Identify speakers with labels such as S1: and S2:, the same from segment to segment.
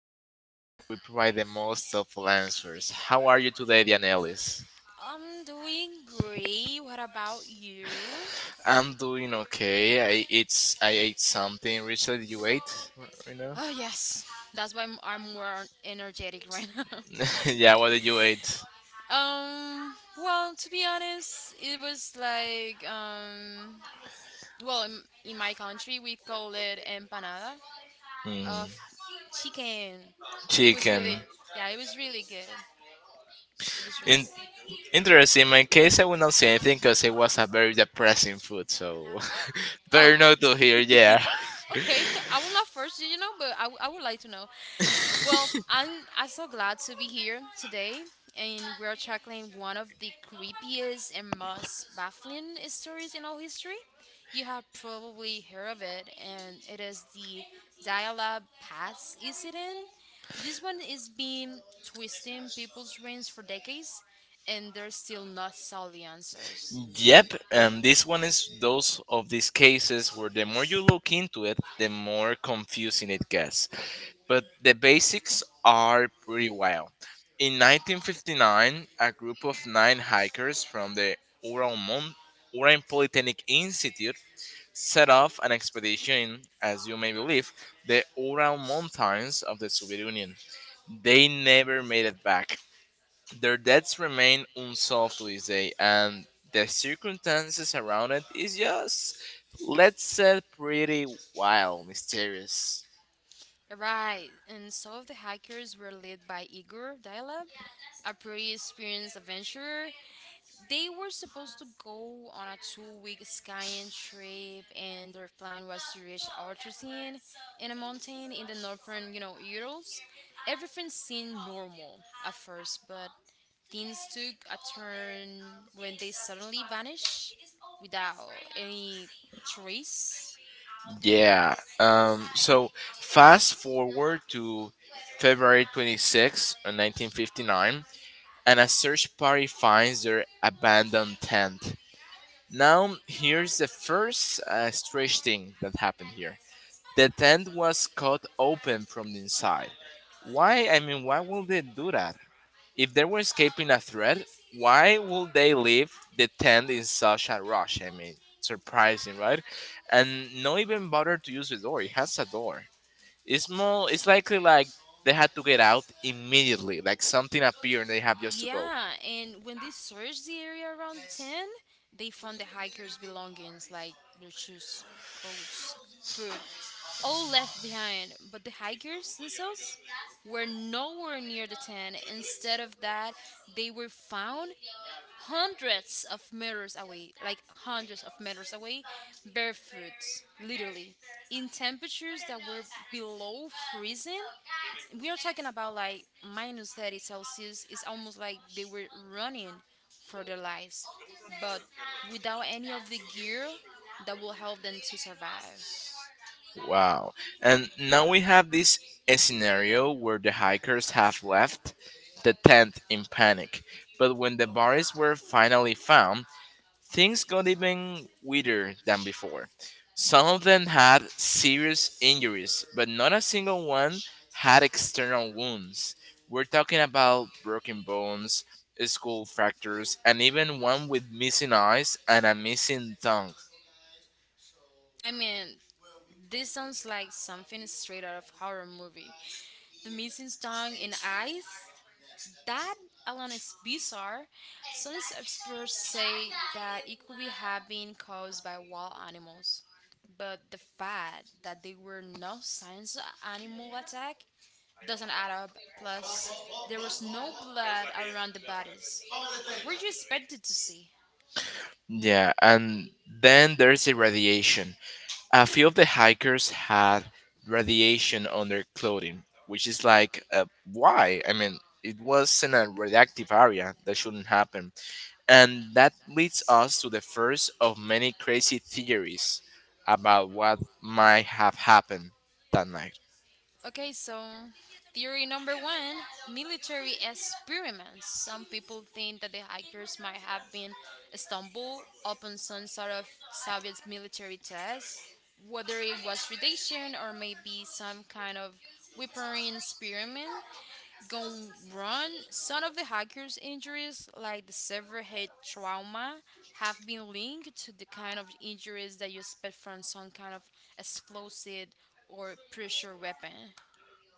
S1: everything and we provide the most helpful answers. How are you today, Dianelis?
S2: I'm doing. About you?
S1: I'm doing okay. I ate something recently. You ate right now?
S2: Oh yes, that's why I'm more energetic right now.
S1: yeah, what did you eat?
S2: Well, to be honest, it was like well, in my country we call it empanada
S1: Mm.
S2: of chicken. It was
S1: Chicken.
S2: really, yeah, it was really good. It was really
S1: In-
S2: good.
S1: interesting. In my case, I would not say anything because it was a very depressing food. So
S2: Oh.
S1: better not to hear. Yeah.
S2: Okay. I will not force you, but I would like to know. Well, I'm so glad to be here today, and we're tackling one of the creepiest and most baffling stories in all history. You have probably heard of it, and it is the Dial-Up Pass incident. This one is been twisting people's brains for decades, and there's still not solid answers.
S1: Yep, and this one is those of these cases where the more you look into it, the more confusing it gets. But the basics are pretty wild. In 1959, a group of nine hikers from the Ural Mon- Ural Polytechnic Institute set off an expedition, as you may believe, the Ural Mountains of the Soviet Union. They never made it back. Their deaths remain unsolved to this day, and the circumstances around it is just, let's say, pretty wild, mysterious.
S2: Right, and some of the hikers were led by Igor Dialab, a pretty experienced adventurer. They were supposed to go on a 2-week skiing trip, and their plan was to reach Artesian in a mountain in the northern, Urals. Everything seemed normal at first, but things took a turn when they suddenly vanished without any trace.
S1: Yeah. So fast forward to February 26, 1959, and a search party finds their abandoned tent. Now, here's the first strange thing that happened here. The tent was cut open from the inside. Why? I mean, why would they do that? If they were escaping a threat, why would they leave the tent in such a rush? I mean, surprising, right? And not even bother to use the door. It has a door. It's more. It's likely like they had to get out immediately. Like something appeared and they have just to go.
S2: Yeah, and when they searched the area around the tent, they found the hikers' belongings like their shoes, coats, food, all left behind. But the hikers themselves were nowhere near the tent. Instead of that, they were found hundreds of meters away, like hundreds of meters away, barefoot, literally, in temperatures that were below freezing. We are talking about like minus 30 Celsius. It's almost like they were running for their lives, but without any of the gear that will help them to survive.
S1: Wow. And now we have this scenario where the hikers have left the tent in panic. But when the bodies were finally found, things got even weirder than before. Some of them had serious injuries, but not a single one had external wounds. We're talking about broken bones, skull fractures, and even one with missing eyes and a missing tongue.
S2: I mean, this sounds like something straight out of horror movie. The missing tongue and eyes. That alone is bizarre. Some experts say that it could be have been caused by wild animals, but the fact that there were no signs of animal attack doesn't add up. Plus, there was no blood around the bodies. Were you expected to see?
S1: Yeah, and then there's irradiation. A few of the hikers had radiation on their clothing, which is like, why? I mean, it was in a radioactive area. That shouldn't happen. And that leads us to the first of many crazy theories about what might have happened that night.
S2: Okay, so theory number one: military experiments. Some people think that the hikers might have been stumbled upon some sort of Soviet military test, whether it was radiation or maybe some kind of weaponry experiment. Gone run, some of the hacker's injuries, like the severe head trauma, have been linked to the kind of injuries that you expect from some kind of explosive or pressure weapon.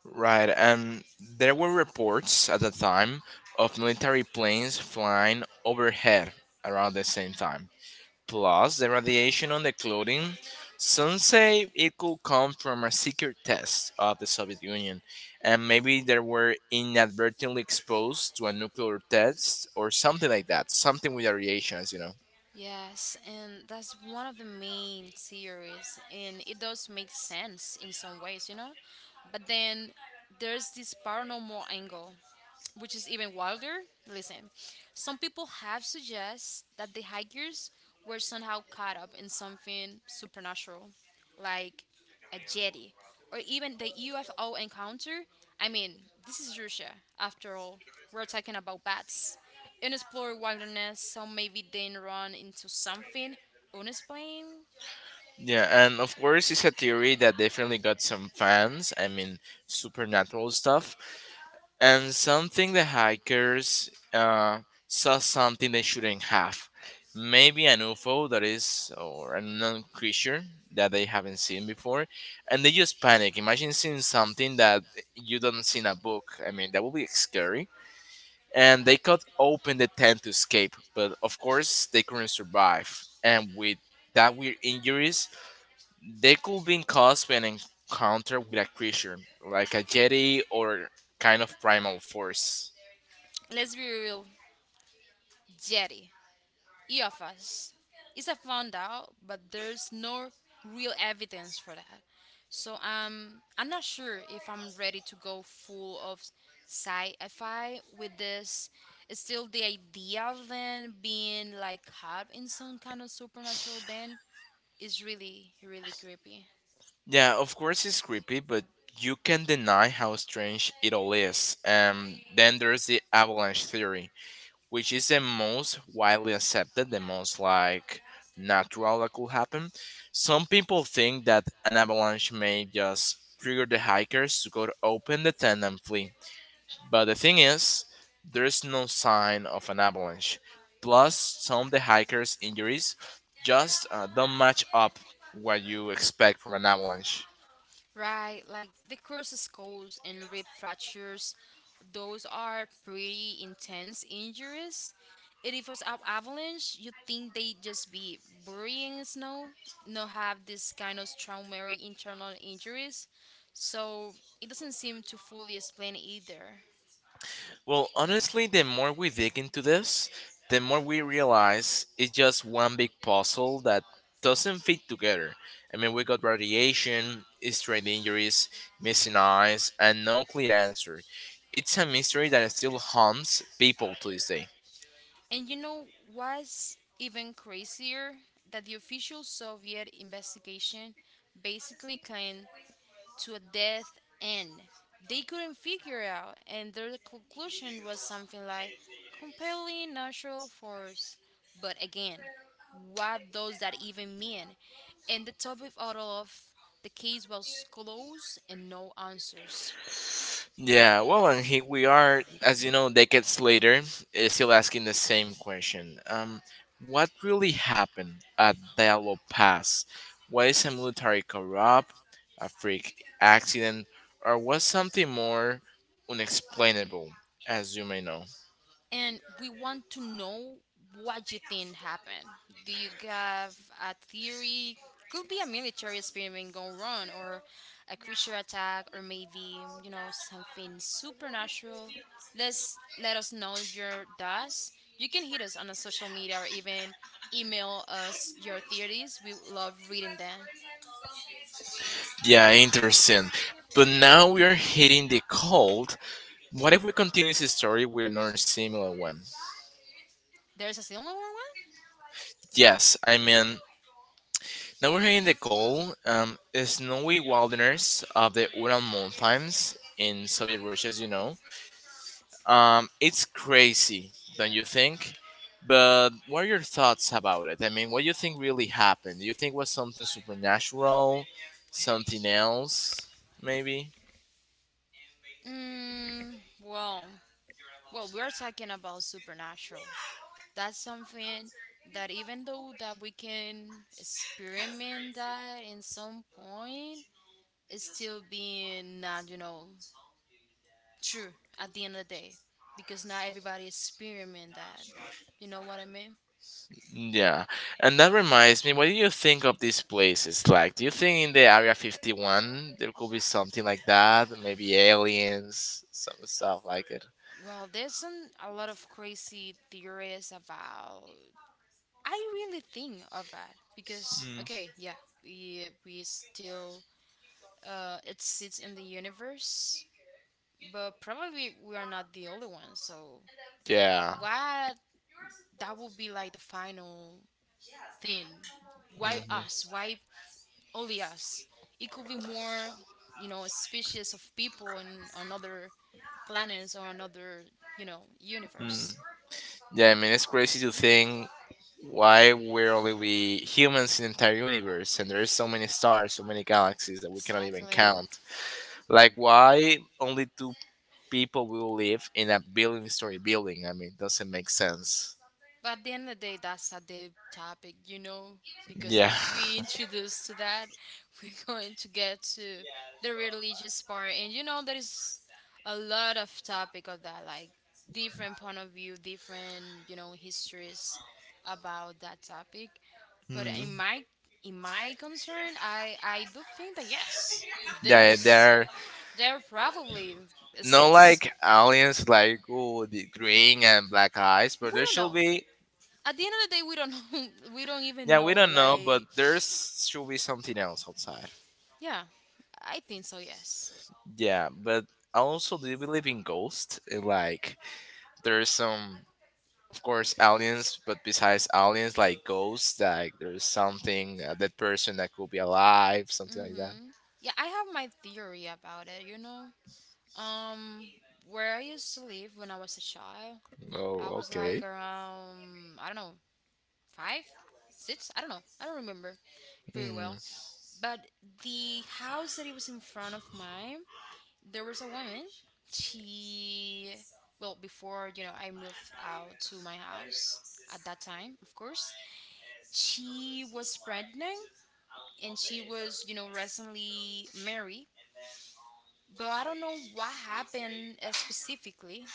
S1: Right, and there were reports at the time of military planes flying overhead around the same time. Plus, the radiation on the clothing. Some say it could come from a secret test of the Soviet Union, and maybe they were inadvertently exposed to a nuclear test or something like that. Something with the radiation, as you know.
S2: Yes, and that's one of the main theories, and it does make sense in some ways, you know? But then there's this paranormal angle, which is even wilder. Listen, some people have suggested that the hikers were somehow caught up in something supernatural, like a jetty, or even the UFO encounter. I mean, this is Russia, after all. We're talking about bats. Unexplored wilderness, so maybe then run into something unexplained.
S1: Yeah, and of course, it's a theory that definitely got some fans. I mean, supernatural stuff. And something the hackers saw something they shouldn't have, maybe an ufo that is or a unknown creature that they haven't seen before, and they just panic. Imagine seeing something that you don't see in a book. I mean, that would be scary, and they cut open the tent to escape, but of course they couldn't survive. And with that weird injuries, they could be caused by an encounter with a creature like a jetty or kind of primal force.
S2: Let's be real, Jetty, EFS, is a found out, but there's no real evidence for that. So I'm not sure if I'm ready to go full of sci-fi with this. It's still the idea of them being like caught in some kind of supernatural band is really, really creepy.
S1: Yeah, of course it's creepy, but you can deny how strange it all is. Then there's the avalanche theory, which is the most widely accepted, the most like natural that could happen. Some people think that an avalanche may just trigger the hikers to go to open the tent and flee. But the thing is, there's no sign of an avalanche. Plus, some of the hikers' injuries just don't match up what you expect from an avalanche.
S2: Right, like the crushed skulls and rib fractures, those are pretty intense injuries. And if it was an avalanche, you think they just be burying in snow, not have this kind of traumatic internal injuries. So it doesn't seem to fully explain either.
S1: Well, honestly, the more we dig into this, the more we realize it's just one big puzzle that doesn't fit together. I mean, we got radiation, strained injuries, missing eyes, and no clear answer. It's a mystery that still haunts people to this day.
S2: And you know what's even crazier? That the official Soviet investigation basically claimed to a death end. They couldn't figure out, and their conclusion was something like compelling natural force. But again, what does that even mean? And the topic out of the case was closed and no answers.
S1: Yeah, well, and here we are, as you know, decades later, still asking the same question. What really happened at Diallo Pass? Was a military corrupt, a freak accident, or was something more unexplainable, as you may know?
S2: And we want to know what you think happened. Do you have a theory? Could be a military experiment gone wrong, or a creature attack, or maybe you know something supernatural. Let us know your thoughts. You can hit us on a social media or even email us your theories. We love reading them.
S1: Yeah, interesting. But now we are hitting the cold. What if we continue this story with another similar one?
S2: There's a similar one.
S1: Yes, I mean, now we're hitting the goal. Snowy wilderness of the Ural Mountains in Soviet Russia, as you know. It's crazy, don't you think? But what are your thoughts about it? I mean, what do you think really happened? Do you think it was something supernatural, something else, maybe?
S2: Mm, well, well, we're talking about supernatural. That's something that even though that we can experiment that in some point, it's still being not, true at the end of the day, because not everybody experiment that, you know what I mean?
S1: Yeah, and that reminds me, what do you think of these places? Like, do you think in the Area 51 there could be something like that? Maybe aliens, some stuff like it?
S2: Well, there's some a lot of crazy theories about. I really think of that because okay, yeah, we still, it sits in the universe, but probably we are not the only ones, so.
S1: Yeah.
S2: What that would be like the final thing. Why us? Why only us? It could be more, species of people in another planets or another,
S1: Mm.
S2: universe.
S1: Yeah, I mean it's crazy to think why we're only we humans in the entire universe, and there is so many stars, so many galaxies that we cannot even
S2: Exactly.
S1: count. Like why only two people will live in a building story building. I mean, doesn't make sense.
S2: But at the end of the day, that's a deep topic, because
S1: Yeah.
S2: if we introduce to that, we're going to get to the religious part, and there is a lot of topic of that, like different point of view, different histories about that topic. But
S1: Mhm.
S2: in my concern, I do think that yes,
S1: Yeah,
S2: there's
S1: they're
S2: there probably
S1: not
S2: sits.
S1: like aliens, like oh, the green and black eyes,
S2: We
S1: but there
S2: don't
S1: should
S2: know.
S1: be.
S2: At the end of the day, we don't know. We don't even
S1: Yeah, we
S2: know.
S1: don't know, but
S2: Like.
S1: there's should be something else outside.
S2: Yeah, I think so, yes.
S1: Yeah, but I also do believe in ghosts. And, like, there's some, of course, aliens, but besides aliens, like ghosts, like there's something that person that could be alive, something like that.
S2: hmm Yeah, I have my theory about it, you know? Um, where I used to live when I was a child, I
S1: Oh,
S2: was like
S1: okay.
S2: around, I don't know, 5, 6? I don't know. I don't remember very
S1: Mm.
S2: well. But the house that it was in front of mine, there was a woman. She, well, before, I moved out to my house at that time, of course, she was pregnant and she was, recently married. But I don't know what happened, specifically,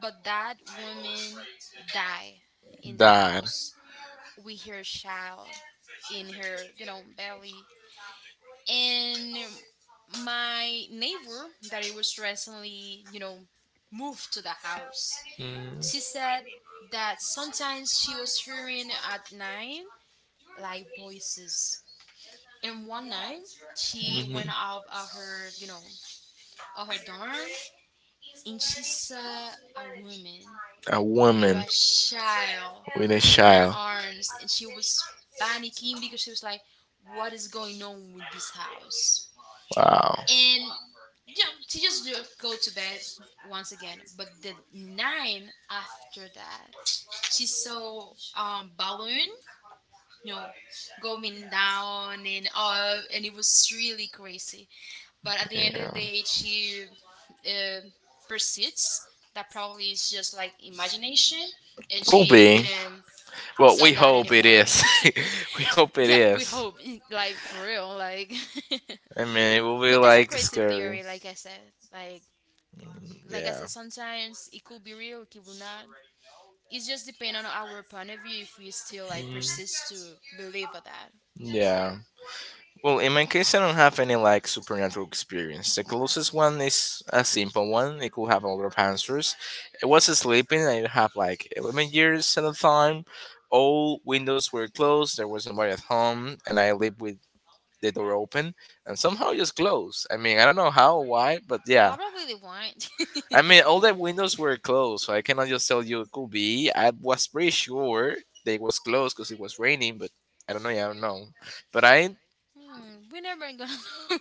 S2: but that woman died in the
S1: That.
S2: house with her child in her, belly. And my neighbor that it was recently, moved to the house,
S1: Mm.
S2: she said that sometimes she was hearing at night like voices. And one night she went
S1: Mhm.
S2: out of her, or her dorm, and she saw a woman
S1: A
S2: with
S1: woman
S2: a child
S1: with a
S2: in her
S1: child.
S2: arms, and she was panicking because she was like, "What is going on with this house?"
S1: Wow.
S2: And, she just go to bed once again. But the nine after that, she saw balloon, you know, going down and up, and it was really crazy. But at the end of
S1: Yeah.
S2: the day, she, uh, persists. That probably is just like imagination, and
S1: Could
S2: she
S1: be.
S2: didn't
S1: Well,
S2: saw
S1: we
S2: that
S1: hope it
S2: anymore.
S1: is. We hope it
S2: Yeah, we
S1: is.
S2: hope, like for real, like.
S1: I mean, it will be
S2: But that's a
S1: like
S2: crazy
S1: scary.
S2: theory, like I said. Like,
S1: Mm.
S2: like I
S1: Yeah.
S2: said, sometimes it could be real, it will not. It just depends on our point of view if we still like
S1: Mm.
S2: persist to believe of that.
S1: Yeah. Well, in my case, I don't have any like supernatural experience. The closest one is a simple one. It could have a lot of answers. I was sleeping. I have like 11 years at the time. All windows were closed. There was nobody at home, and I lived with the door open and somehow it just closed. I mean, I don't know how, why, but yeah.
S2: Probably they won't.
S1: I mean, all the windows were closed, so I cannot just tell you it could be. I was pretty sure they was closed because it was raining, but I don't know. Yeah, I don't know. But I
S2: We're never gonna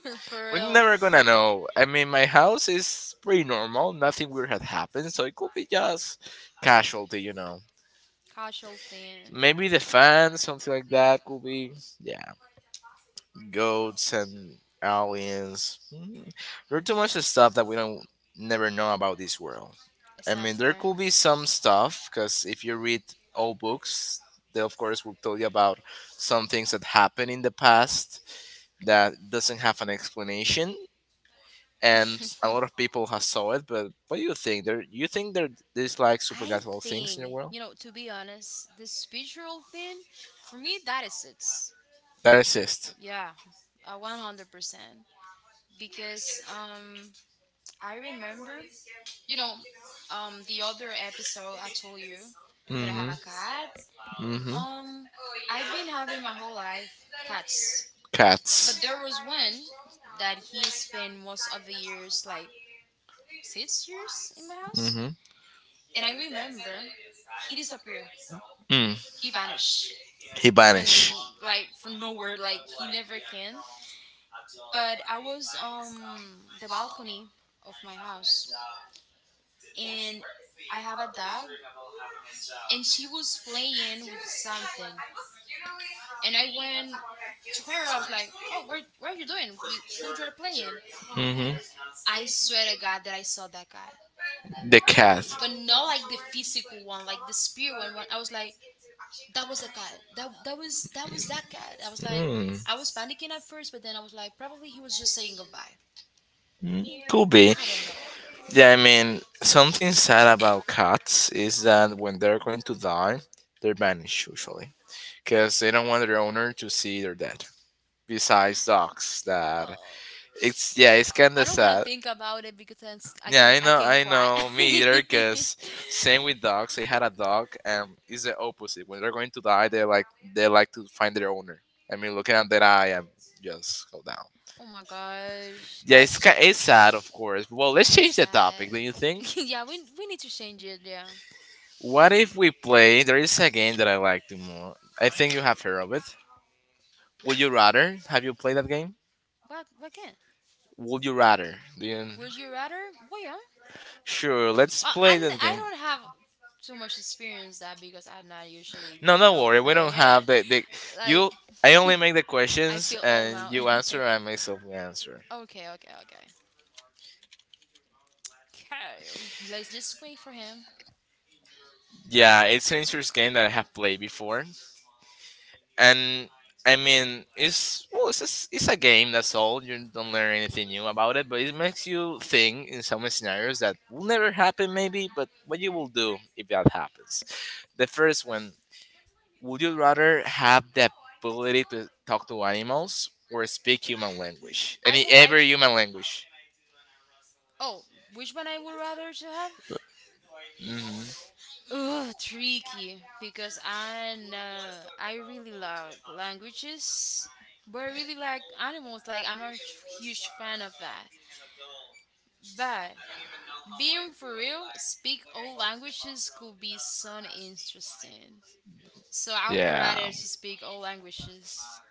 S2: know for
S1: We're
S2: real.
S1: never gonna know. I mean, my house is pretty normal. Nothing weird had happened, so it could be just casualty, you know.
S2: Casual thing.
S1: Maybe the fan, something like that, could be. Yeah, goats and aliens. Mm. There are too much stuff that we don't never know about this world. I mean,
S2: Exactly.
S1: there could be some stuff because if you read old books, they of course will tell you about some things that happened in the past that doesn't have an explanation and a lot of people have saw it. But what do you think? There, you think there there's like
S2: I
S1: supernatural things in the
S2: think,
S1: world
S2: to be honest, the spiritual thing, for me, that is it.
S1: that exist?
S2: Yeah, 100%. Because I remember, you know, the other episode I told you that I have
S1: Mm-hmm.
S2: a cat.
S1: Mm-hmm.
S2: Um, I've been having my whole life cats.
S1: Cats.
S2: But there was one that he spent most of the years, like 6 years, in my house.
S1: Mm-hmm.
S2: And I remember he disappeared.
S1: Mm.
S2: He vanished
S1: He vanished.
S2: from from nowhere. Like he never came. But I was, the balcony of my house, and I have a dog, and she was playing with something, and I went to her. I was like, "Oh, where are you doing? We, who you are playing?"
S1: Mm-hmm.
S2: I swear to God that I saw that guy,
S1: The cat.
S2: but not like the physical one, like the spirit one. When I was like, that was the cat. That was that cat. I was like,
S1: Mm.
S2: I was panicking at first, but then I was like, probably he was just saying goodbye.
S1: Mm. Could be.
S2: I don't know.
S1: Yeah, I mean, something sad about cats is that when they're going to die, they're banished usually because they don't want their owner to see they're dead. Besides dogs, that
S2: Oh,
S1: it's yeah, it's kind
S2: I
S1: of
S2: don't want to
S1: sad.
S2: think about it because then I
S1: Yeah,
S2: can I can
S1: I
S2: cry.
S1: know, me either. Cause same with dogs. I had a dog, and it's the opposite. When they're going to die, they like to find their owner. I mean, looking at their eye and just go down.
S2: Oh my gosh,
S1: Yeah,
S2: that's,
S1: it's sad, of course. Well,
S2: yeah,
S1: let's
S2: it's
S1: change the
S2: sad.
S1: topic. Do you think?
S2: Yeah, we need to change it. Yeah,
S1: What if we play? There is a game that I like to more. I think you have heard of it. Would you rather? Have you played that game?
S2: but can.
S1: Would you rather? Do you...
S2: Would you rather? Well, yeah.
S1: Sure, let's
S2: Well,
S1: play
S2: and
S1: that
S2: I
S1: game.
S2: don't have too much experience that because I'm not usually
S1: No, don't worry. We don't
S2: play
S1: have
S2: it.
S1: the you. I
S2: Like,
S1: only make the
S2: I
S1: questions
S2: feel old
S1: and
S2: now.
S1: you answer
S2: Okay,
S1: and myself will answer.
S2: okay, okay. Okay, let's just wait for him.
S1: Yeah, it's an interesting game that I have played before, and I mean, it's well, it's a game. That's all. You don't learn anything new about it, but it makes you think in some scenarios that will never happen, maybe. But what you will do if that happens? The first one: would you rather have the ability to talk to animals or speak human language?
S2: I
S1: Any
S2: will
S1: every
S2: like you.
S1: human language?
S2: Oh, which one I would rather to have?
S1: Hmm.
S2: Ugh, tricky because I know, I really like languages, but I really like animals. Like I'm a huge fan of that. But being for real, speak all languages could be so interesting. So I would
S1: Yeah.
S2: rather to speak all languages.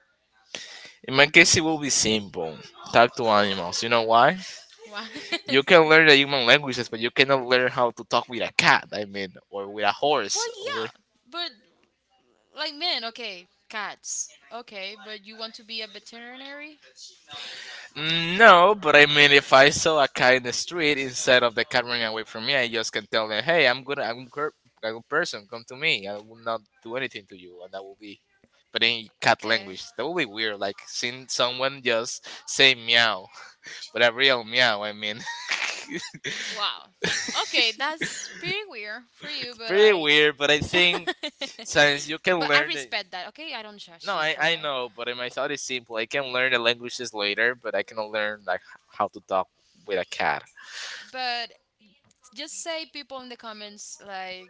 S1: In my case, it will be simple. Talk to animals. You know why?
S2: Why?
S1: You can learn the human languages, but you cannot learn how to talk with a cat. I mean, or with a horse.
S2: Well,
S1: Or...
S2: yeah, but like men, okay, cats, okay, but you want to be a veterinary?
S1: Mm. No, but I mean, if I saw a cat in the street instead of the cat running away from me, I just can tell them, "Hey, I'm good. I'm good. A good person. Come to me. I will not do anything to you." And that will be, but in cat
S2: Okay.
S1: language, that will be weird. Like seeing someone just say meow, but a real meow. I mean,
S2: Wow. Okay, that's pretty weird for you, but
S1: pretty
S2: like,
S1: weird. But I think since you can
S2: but I
S1: learn it.
S2: respect that. Okay, I don't
S1: No,
S2: judge you
S1: I,
S2: for
S1: I
S2: it.
S1: know, but in my thought it's simple. I can learn the languages later, but I cannot learn like how to talk with a cat.
S2: But just say people in the comments like,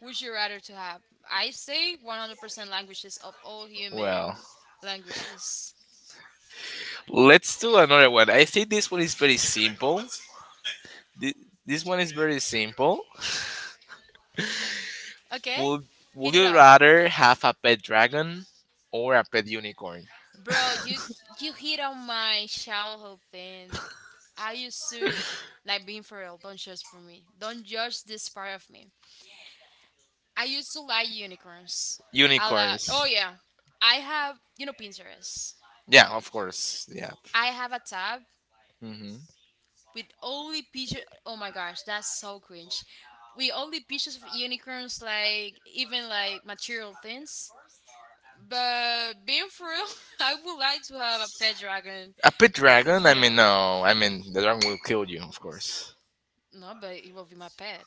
S2: "Would you rather to have?" I say 100% languages of all
S1: Well,
S2: human languages.
S1: let's do another one. I think this one is very simple. Thi- This one is very simple.
S2: Okay?
S1: Would Would
S2: Hit it
S1: you
S2: up.
S1: rather have a pet dragon or a pet unicorn?
S2: Bro, you hit on my childhood thing. I used to like being for real. Don't judge for me. Don't judge this part of me. I used to like unicorns. I like.
S1: Unicorns.
S2: Oh yeah, I have Pinterest.
S1: Yeah, of course. Yeah.
S2: I have a tab
S1: hmm
S2: with only pictures. Oh my gosh, that's so cringe. We only pictures of unicorns, like even like material things. But being for real, I would like to have a pet dragon.
S1: A pet dragon? I
S2: Yeah,
S1: mean, no. I mean, the dragon will kill you, of course.
S2: no, but it will be my pet.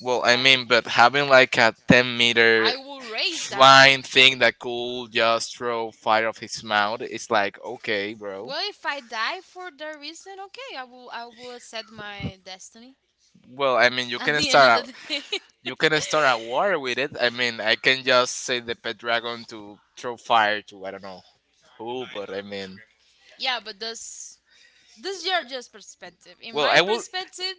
S1: Well, I
S2: Like
S1: mean, but having like a 10-meter
S2: I will raise that.
S1: flying thing that could just throw fire off his mouth, its like, okay, bro.
S2: Well, if I die for the reason, okay, I will accept my destiny.
S1: Well, I mean, you
S2: At
S1: can
S2: the end
S1: start
S2: of
S1: out.
S2: the day.
S1: You can start a war with it. I mean, I can just say the pet dragon to throw fire to, I don't know who, but I mean,
S2: yeah, but this is your just perspective. In
S1: well, I
S2: my
S1: will.
S2: perspective,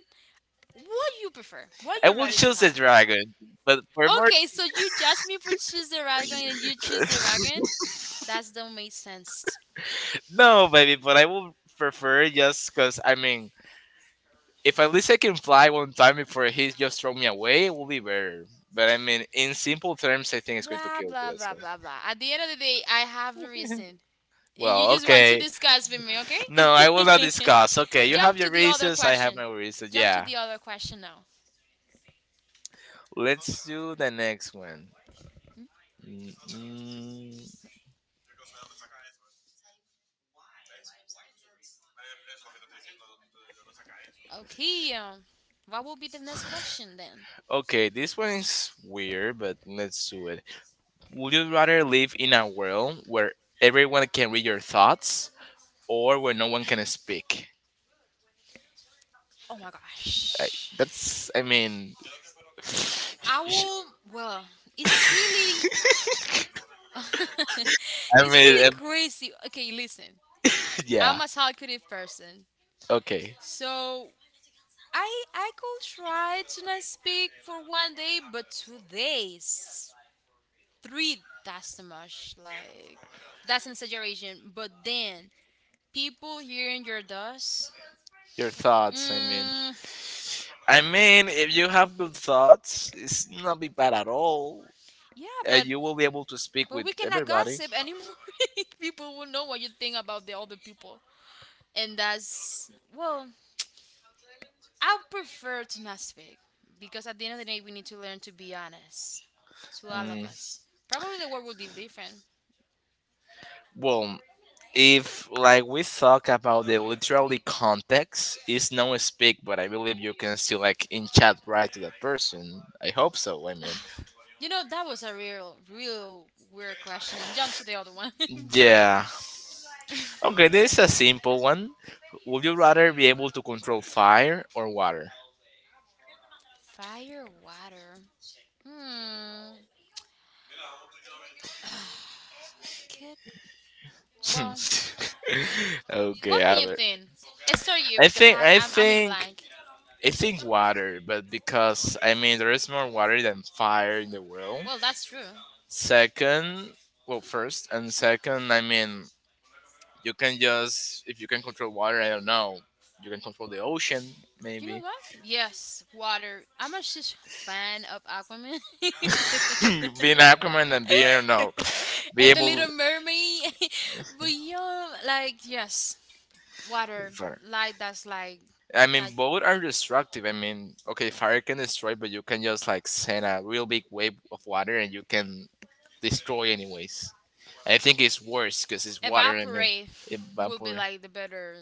S2: what you prefer, what
S1: I
S2: you're
S1: will
S2: ready to
S1: choose the
S2: have.
S1: dragon, but for more,
S2: Okay, so you judge me for choose the dragon and you choose the dragon. That don't make sense.
S1: no, baby. But I will prefer just because I mean, if at least I can fly one time before he just throw me away, it will be better. But I mean, in simple terms, I think it's going to
S2: Blah
S1: kill me.
S2: blah
S1: That's
S2: blah
S1: it.
S2: blah blah. At the end of the day, I have the reason. You
S1: Well,
S2: just want to
S1: okay.
S2: discuss with me,
S1: No, I will not
S2: okay?
S1: discuss. Okay, you have
S2: Jump to
S1: your
S2: the other
S1: reasons. I have
S2: question.
S1: my reasons.
S2: Jump to
S1: Yeah.
S2: the other question now.
S1: Let's do the next one. Mm.
S2: Okay, what will be the next question then?
S1: Okay, this one is weird, but let's do it. Would you rather live in a world where everyone can read your thoughts or where no one can speak?
S2: Oh my
S1: I,
S2: gosh.
S1: that's, I mean,
S2: I will, well, it's really,
S1: I
S2: it's
S1: mean,
S2: really crazy. Okay, listen,
S1: yeah.
S2: I'm a talkative person.
S1: Okay.
S2: So I could try to not speak for 1 day, but 2 days. Three that's too much, like that's an exaggeration, but then people hearing your dust.
S1: Your thoughts.
S2: mm,
S1: I mean, if you have good thoughts, it's not be bad at all,
S2: yeah,
S1: and you will be able to speak
S2: but
S1: with
S2: we cannot
S1: everybody.
S2: gossip anymore. People will know what you think about the other people, and that's, well, I prefer to not speak, because at the end of the day we need to learn to be honest to all of
S1: Mm.
S2: us. Probably the world would be different.
S1: Well, if like we talk about the literally context, it's no speak, but I believe you can still like in chat right to that person. I hope so. I mean,
S2: You know that was a real real weird question. Jump to the other one.
S1: yeah. Okay, this is a simple one. Would you rather be able to control fire or water?
S2: Fire water. Hmm. Kid. Well,
S1: Okay,
S2: what do
S1: I
S2: you
S1: would.
S2: think? Start you
S1: I
S2: because I
S1: think
S2: had,
S1: I
S2: I'm in
S1: think
S2: blank.
S1: I think water, but because I mean there is more water than fire in the world.
S2: Well, that's true.
S1: Second, well, first and second, I mean you can just if you can control water, I don't know, you can control the ocean
S2: You know
S1: maybe.
S2: what? Yes, water. I'm a huge fan of Aquaman.
S1: Be an Aquaman and be, I don't know, be
S2: And the
S1: able.
S2: Little Mermaid. But yeah, like yes, water,
S1: Fire.
S2: light that's like
S1: I mean,
S2: that
S1: both are destructive. I mean, okay, fire can destroy, but you can just like send a real big wave of water, and you can destroy anyways. I think it's worse because it's water and then
S2: evaporate would be
S1: evaporate.
S2: like the better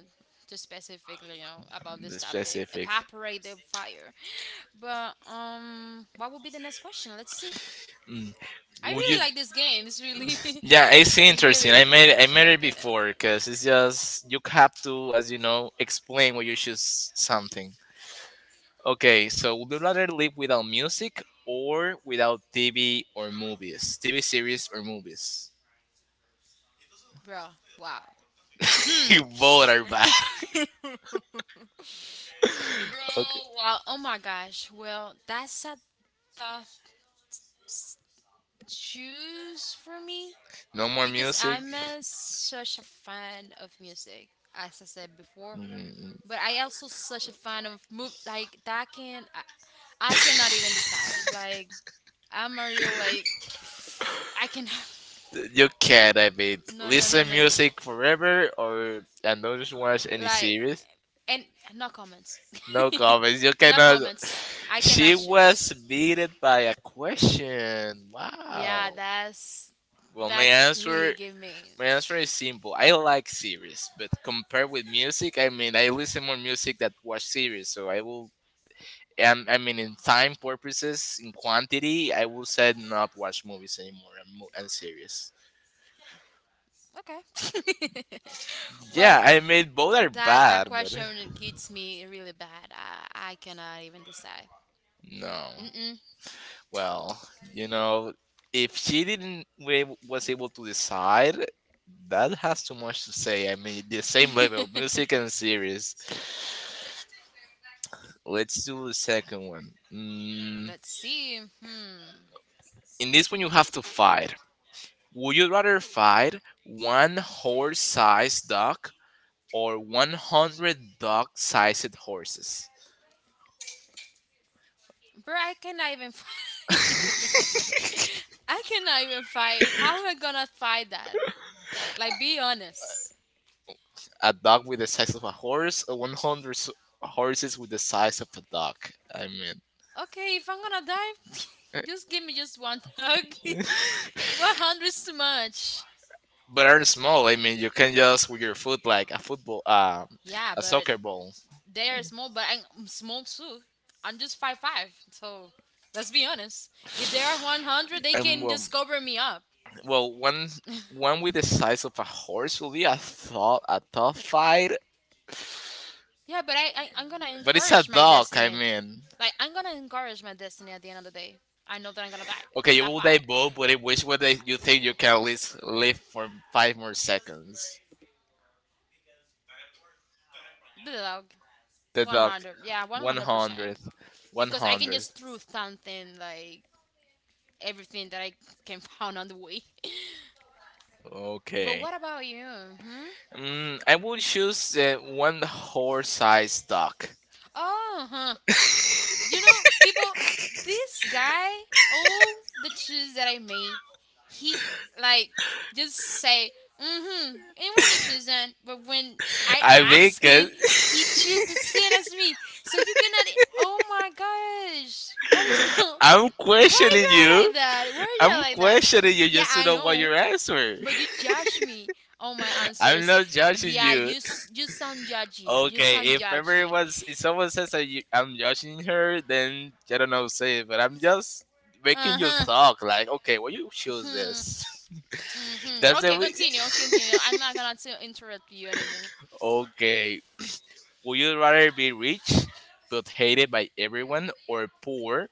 S2: to specifically you know about this
S1: The
S2: topic
S1: specific.
S2: evaporate the fire. But what would be the next question, let's see.
S1: Mm.
S2: I
S1: Would you?
S2: really like this game, it's really
S1: Yeah, it's
S2: it's
S1: interesting.
S2: really
S1: I made
S2: good,
S1: I
S2: it's
S1: made
S2: really
S1: it
S2: good.
S1: before because it's just you have to, as you know, explain why you choose something. Okay, so would you rather live without music or without TV or movies, TV series or movies?
S2: Bro, wow. Hmm.
S1: You both are bad. Okay.
S2: Bro, wow, oh my gosh, well, that's a tough s- choose for me,
S1: No more
S2: because
S1: music.
S2: I'm a, such a fan of music as I said before.
S1: Mm,
S2: But I also such a fan of movie like that can I cannot even decide. Like I'm a real, like I can
S1: you can, I mean,
S2: no no no
S1: listen
S2: no no
S1: music forever or and don't just watch any
S2: like,
S1: series.
S2: and no comments.
S1: No comments. You
S2: No
S1: cannot.
S2: comments, I cannot
S1: She
S2: choose.
S1: was beaten by a question.
S2: Yeah,
S1: Wow.
S2: that's
S1: Well,
S2: that really gave me.
S1: my answer is simple. I like series, but compared with music, I mean, I listen more music than watch series, so I will I mean, in time purposes, in quantity, I will say not watch movies anymore and series.
S2: Okay.
S1: Yeah,
S2: Well,
S1: I mean, both are
S2: that that
S1: bad, but
S2: question gets me really bad. I cannot even decide.
S1: no.
S2: Mm
S1: Well, you know, if she didn't wa- was able to decide, that has too much to say. I mean, the same level, music
S2: mm.
S1: and series. Let's do the second one. Mm,
S2: Let's see. Hmm.
S1: in this one, you have to fight. Would you rather fight one horse-sized dog or 100 dog sized horses.
S2: Bro, I cannot even fight. I cannot even fight. How am I gonna fight that? Like, be honest.
S1: A dog with the size of a horse, or horses with the size of a dog. I mean,
S2: Okay, if I'm gonna die,
S1: eh,
S2: just give me just one hug. 100 is too much.
S1: but are small. I mean, you can just with your foot like a football,
S2: Yeah,
S1: a
S2: but
S1: soccer ball.
S2: they are small, but I'm small too. I'm just Five five, so let's be honest. If they are 100, they
S1: And
S2: can
S1: well,
S2: just cover me up.
S1: well, one with the size of a horse will be a tough fight.
S2: Yeah, but I'm gonna
S1: But it's a
S2: encourage my
S1: dog. I
S2: destiny.
S1: mean,
S2: Like I'm gonna encourage my destiny at the end of the day. I know that I'm gonna die
S1: okay,
S2: on
S1: you
S2: that
S1: will die
S2: fire.
S1: both, but in which one do you think you can at least live for five more seconds?
S2: Dog,
S1: The dog.
S2: 100. Yeah,
S1: One
S2: 100%.
S1: 100th. One
S2: Because I can
S1: 100th.
S2: just throw something like everything that I can find on the way. But
S1: Okay.
S2: what about you? Hmm?
S1: Mm, I will choose the one horse sized dog.
S2: Oh, huh. You know, people, this guy, all the shoes that I made, he like just say, mm-hmm, and when you choose on, but when I
S1: I mean,
S2: ask him, he choose the
S1: 'cause-
S2: same as me. So you cannot, oh my gosh, what is going.
S1: I'm
S2: Why you
S1: questioning
S2: are
S1: you.
S2: like that? Why you are
S1: I'm
S2: like that?
S1: questioning you
S2: Yeah,
S1: just to
S2: I
S1: know what
S2: know,
S1: your answer.
S2: but you judge me on my
S1: I'm
S2: answers.
S1: not judging
S2: Yeah,
S1: you.
S2: you you sound judgy. You
S1: Okay,
S2: sound
S1: if
S2: judgy.
S1: everyone's if someone says that you, I'm judging her, then I don't know say it, but I'm just making you
S2: Uh
S1: talk. Like, okay, why you choose
S2: huh.
S1: this?
S2: Hmm.
S1: That's the
S2: Okay,
S1: way.
S2: continue. Okay, continue. I'm not gonna to interrupt you anymore.
S1: Okay, would you rather be rich but hated by everyone, or poor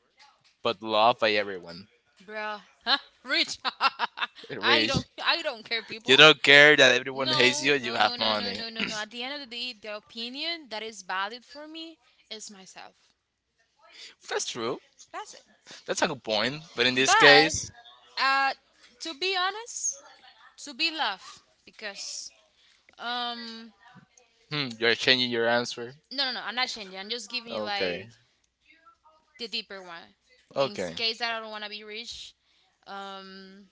S1: but loved by everyone?
S2: Bruh. Huh? Rich.
S1: Rich,
S2: I don't care people.
S1: you don't care that everyone hates
S2: No,
S1: you. You
S2: no,
S1: have
S2: no, no, no,
S1: money.
S2: no, no, no. At the end of the day, the opinion that is valid for me is myself.
S1: That's true.
S2: That's it.
S1: That's a good point, but in this
S2: But
S1: case,
S2: uh, to be honest, to be love because um
S1: hmm, you're changing your answer.
S2: no no no, I'm not changing. I'm just giving you
S1: Okay.
S2: like the deeper one. In
S1: Okay.
S2: case that I don't wanna be rich, um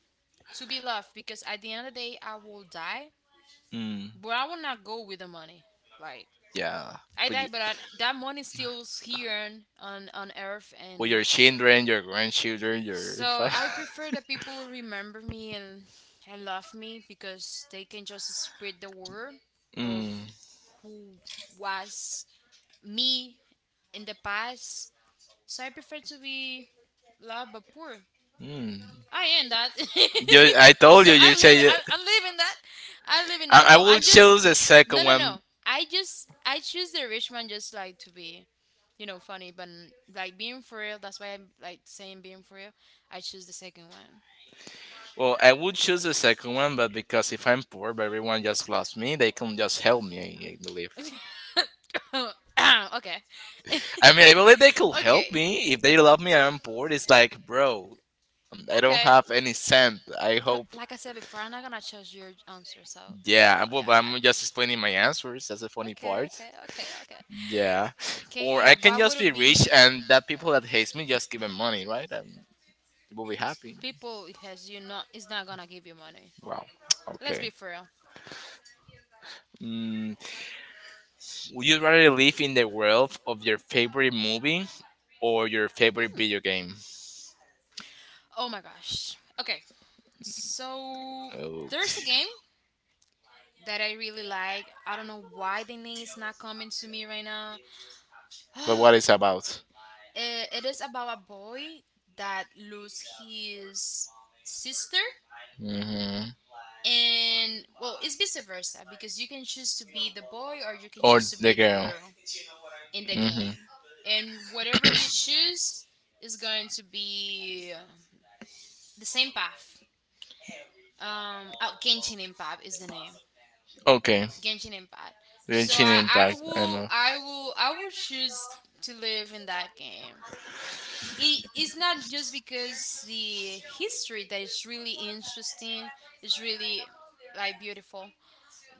S2: to be loved because at the end of the day I will die,
S1: Mm,
S2: but I will not go with the money. Like
S1: yeah.
S2: I
S1: But you,
S2: die, but that money stills here on earth,
S1: with your
S2: and
S1: children, your grandchildren, your.
S2: so
S1: fa-
S2: I prefer that people remember me and love me because they can just spread the word of
S1: mm,
S2: who was me in the past. So I prefer to be loved but poor.
S1: mm.
S2: I am that.
S1: You, I told
S2: So
S1: you,
S2: I
S1: you
S2: live
S1: change it.
S2: I live in that. I live in that.
S1: I
S2: No,
S1: will
S2: I'm just
S1: choose the
S2: no
S1: second
S2: no
S1: one.
S2: no. I choose the rich man just like to be, you know, funny, but like being for real, that's why I'm like saying being for real. I choose the second one.
S1: Well, I would choose the second one, but because if I'm poor, but everyone just loves me, they can just help me, I believe.
S2: Okay.
S1: I mean, I believe they could help
S2: Okay.
S1: me if they love me and I'm bored. It's like, bro, I don't
S2: Okay.
S1: have any cent. I hope,
S2: Like I said before, I'm not gonna change your answer, so yeah,
S1: yeah. Well,
S2: yeah,
S1: but
S2: yeah.
S1: I'm just explaining my answers. That's the funny
S2: Okay,
S1: part.
S2: okay, okay, okay.
S1: Yeah, or
S2: Okay,
S1: I can
S2: what would
S1: just be
S2: it be
S1: rich and that people that hates me just give them money, right? And they will be happy.
S2: people has you not is not gonna give you money.
S1: Wow.
S2: Let's be
S1: Okay.
S2: for real.
S1: Mm, would you rather live in the world of your favorite movie or your favorite
S2: Hmm.
S1: video game?
S2: Oh my gosh. Okay. So there's a
S1: Okay.
S2: game that I really like. I don't know why the name is not coming to me right now.
S1: But what it's about?
S2: It is about a boy that lose his sister,
S1: Mm-hmm.
S2: and well it's vice versa because you can choose to be the boy or you can
S1: Or
S2: choose to
S1: the
S2: be the
S1: girl.
S2: girl in the
S1: Mm-hmm.
S2: game, and whatever you choose is going to be the same path. Oh, Genshin Impact is the name.
S1: Okay.
S2: Genshin Impact.
S1: The
S2: So
S1: chin impact. I know.
S2: I will choose to live in that game. It is not just because the history that is really interesting, is really like beautiful,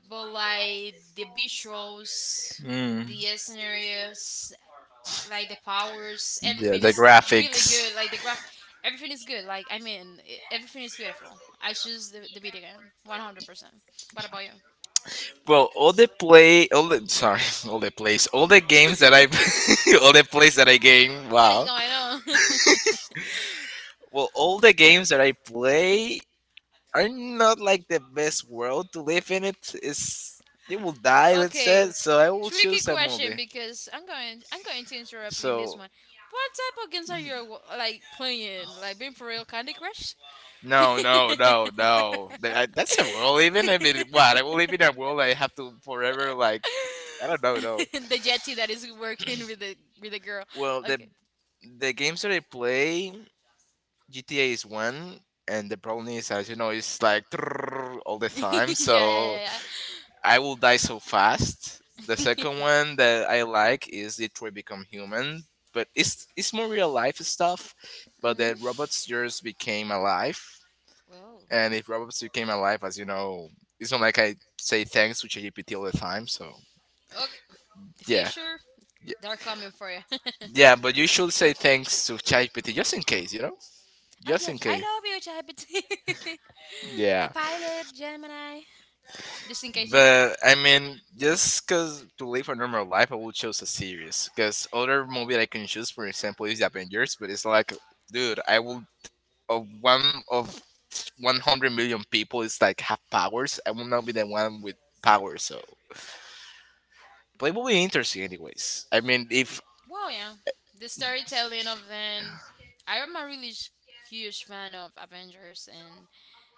S2: but like the visuals,
S1: Mm.
S2: the scenarios, like the powers,
S1: Yeah,
S2: everything
S1: the
S2: is really
S1: graphics.
S2: good. Like the graph, everything is good. Like I mean, everything is beautiful. I choose the video game, 100%. What about you?
S1: Well, all the play, all the sorry, all the plays, all the games that I, all the plays that I game.
S2: What is
S1: Wow.
S2: going on?
S1: Well, all the games that I play are not like the best world to live in. It is, it will die. Let's say.
S2: Okay,
S1: So I will
S2: tricky
S1: choose a
S2: question,
S1: movie.
S2: because I'm going to interrupt you in this
S1: So
S2: one. What type of games are you like playing? Like being for real, Candy Crush?
S1: no, no, no, no. That, that's a world. Even I mean, what I will live in a world I have to forever like I don't know. No.
S2: The jetty that is working with the girl.
S1: Well, the
S2: Okay.
S1: the games that I play, GTA is one, and the problem is as you know it's like all the time.
S2: Yeah, yeah, yeah,
S1: So
S2: yeah.
S1: I will die so fast. The second one that I like is Detroit Become Human, but it's more real life stuff. But the robots just became alive.
S2: Oh.
S1: And if obviously came alive, as you know, it's not like I say thanks to ChatGPT all the time. So
S2: Okay. The
S1: yeah,
S2: future,
S1: yeah,
S2: they're coming for you.
S1: yeah. But you should say thanks to ChatGPT just in case, you know,
S2: Oh
S1: just
S2: yeah,
S1: in
S2: I
S1: case.
S2: love you, ChatGPT.
S1: Yeah.
S2: Copilot, Gemini. Just in case you know.
S1: But I mean, just because to live a normal life, I would choose a series. Because other movie that I can choose, for example, is the Avengers. But it's like, dude, I will of one of 100 million people is like have powers. I will not be the one with powers. So, but it will be interesting, anyways. I mean, if
S2: Well, yeah. The storytelling of and I am a really huge fan of Avengers, and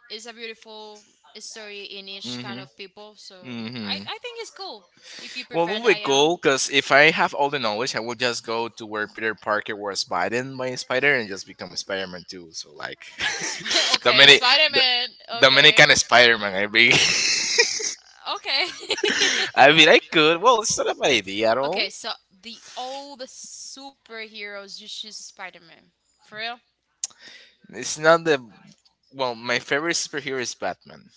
S2: it's a beautiful story in each kind
S1: mm-hmm.
S2: of people. So I
S1: Mm-hmm.
S2: I think it's cool if you
S1: Well,
S2: prefer
S1: we would
S2: that, yeah.
S1: go because if I have all the knowledge, I will just go to where Peter Parker was bitten by a spider and just become Spider Man too. So like
S2: Okay,
S1: Dominic,
S2: Spider
S1: the,
S2: Man. Okay.
S1: Dominican Spider Man, I mean.
S2: Okay.
S1: I mean, I could. Well, it's not a bad idea at all.
S2: Okay, so the all the superheroes you choose Spider Man. For real?
S1: It's not the well. My favorite superhero is Batman,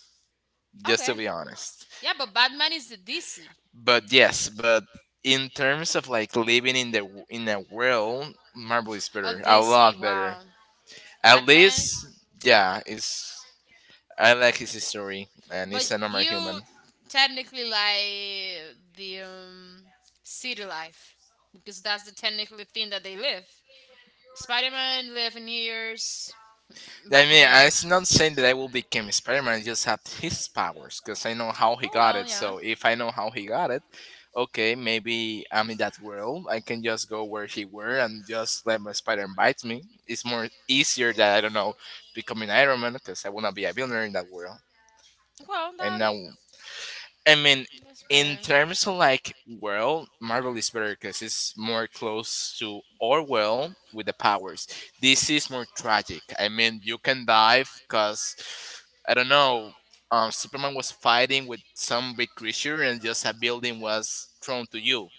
S1: just
S2: Okay.
S1: to be honest.
S2: Yeah, but Batman is the DC.
S1: But yes, but in terms of like living in the in a world, Marvel is
S2: Of
S1: better, a
S2: DC,
S1: lot better.
S2: wow.
S1: At
S2: Batman.
S1: least, yeah, it's I like his story, and
S2: But
S1: he's a normal
S2: you
S1: human.
S2: technically like the city life. Because that's the technically thing that they live. Spider Man live in New Year's.
S1: I mean,
S2: Batman.
S1: I'm not saying that I will become Spider-Man. I just have his powers because I know how he
S2: Oh
S1: got
S2: well,
S1: it.
S2: yeah.
S1: So if I know how he got it, okay, maybe I'm in that world. I can just go where he were and just let my spider bite me. It's more easier that I don't know becoming Iron Man because I wanna be a billionaire in that world.
S2: Well,
S1: And now, I mean,
S2: that's
S1: in
S2: pretty.
S1: terms of like world, Marvel is better because it's more close to our world with the powers. This is more tragic. I mean, you can die because I don't know. Superman was fighting with some big creature, and just a building was thrown to you.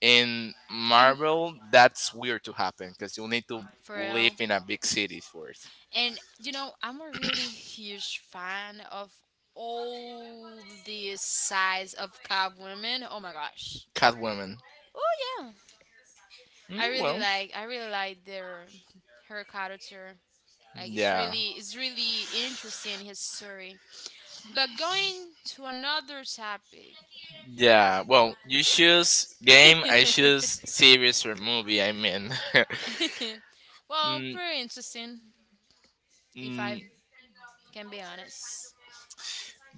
S1: In
S2: And
S1: Marvel, that's weird to happen because you need to
S2: for
S1: live
S2: real.
S1: in a big city for it.
S2: And you know, I'm a really huge fan of all the size of Cab women. Oh my gosh.
S1: Catwoman.
S2: Oh yeah.
S1: Mm, well,
S2: I really like their her character. Like
S1: yeah.
S2: it's really interesting his story. But going to another topic.
S1: Yeah, well, you choose game, I choose series or movie. I mean,
S2: Well,
S1: mm,
S2: pretty interesting if I
S1: mm,
S2: can be honest.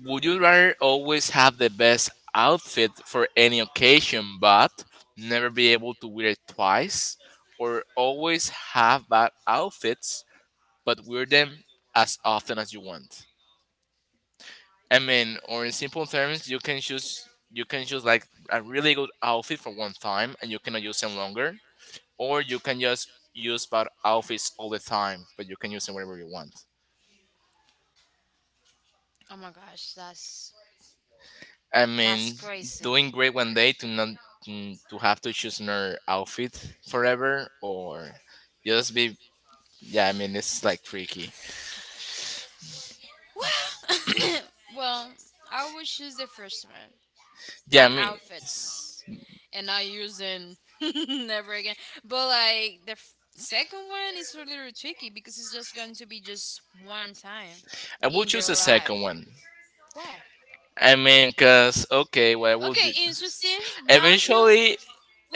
S1: would you rather always have the best outfit for any occasion but never be able to wear it twice, or always have bad outfits but wear them as often as you want? I mean, or in simple terms, you can choose like a really good outfit for one time and you cannot use them longer, or you can just use bad outfits all the time, but you can use them whenever you want.
S2: Oh my gosh,
S1: I
S2: that's
S1: mean,
S2: crazy.
S1: doing great one day to not to have to choose another outfit forever, or just be yeah. I mean, it's like tricky.
S2: Well, well, I would choose the first one,
S1: Yeah, I
S2: bad
S1: mean,
S2: outfits, and not using never again. But like the second one is a little tricky because it's just going to be just one time
S1: I will
S2: in your
S1: choose the second
S2: life.
S1: one.
S2: Why?
S1: I mean, cause okay, what I will do
S2: Okay, interesting. Now you
S1: eventually.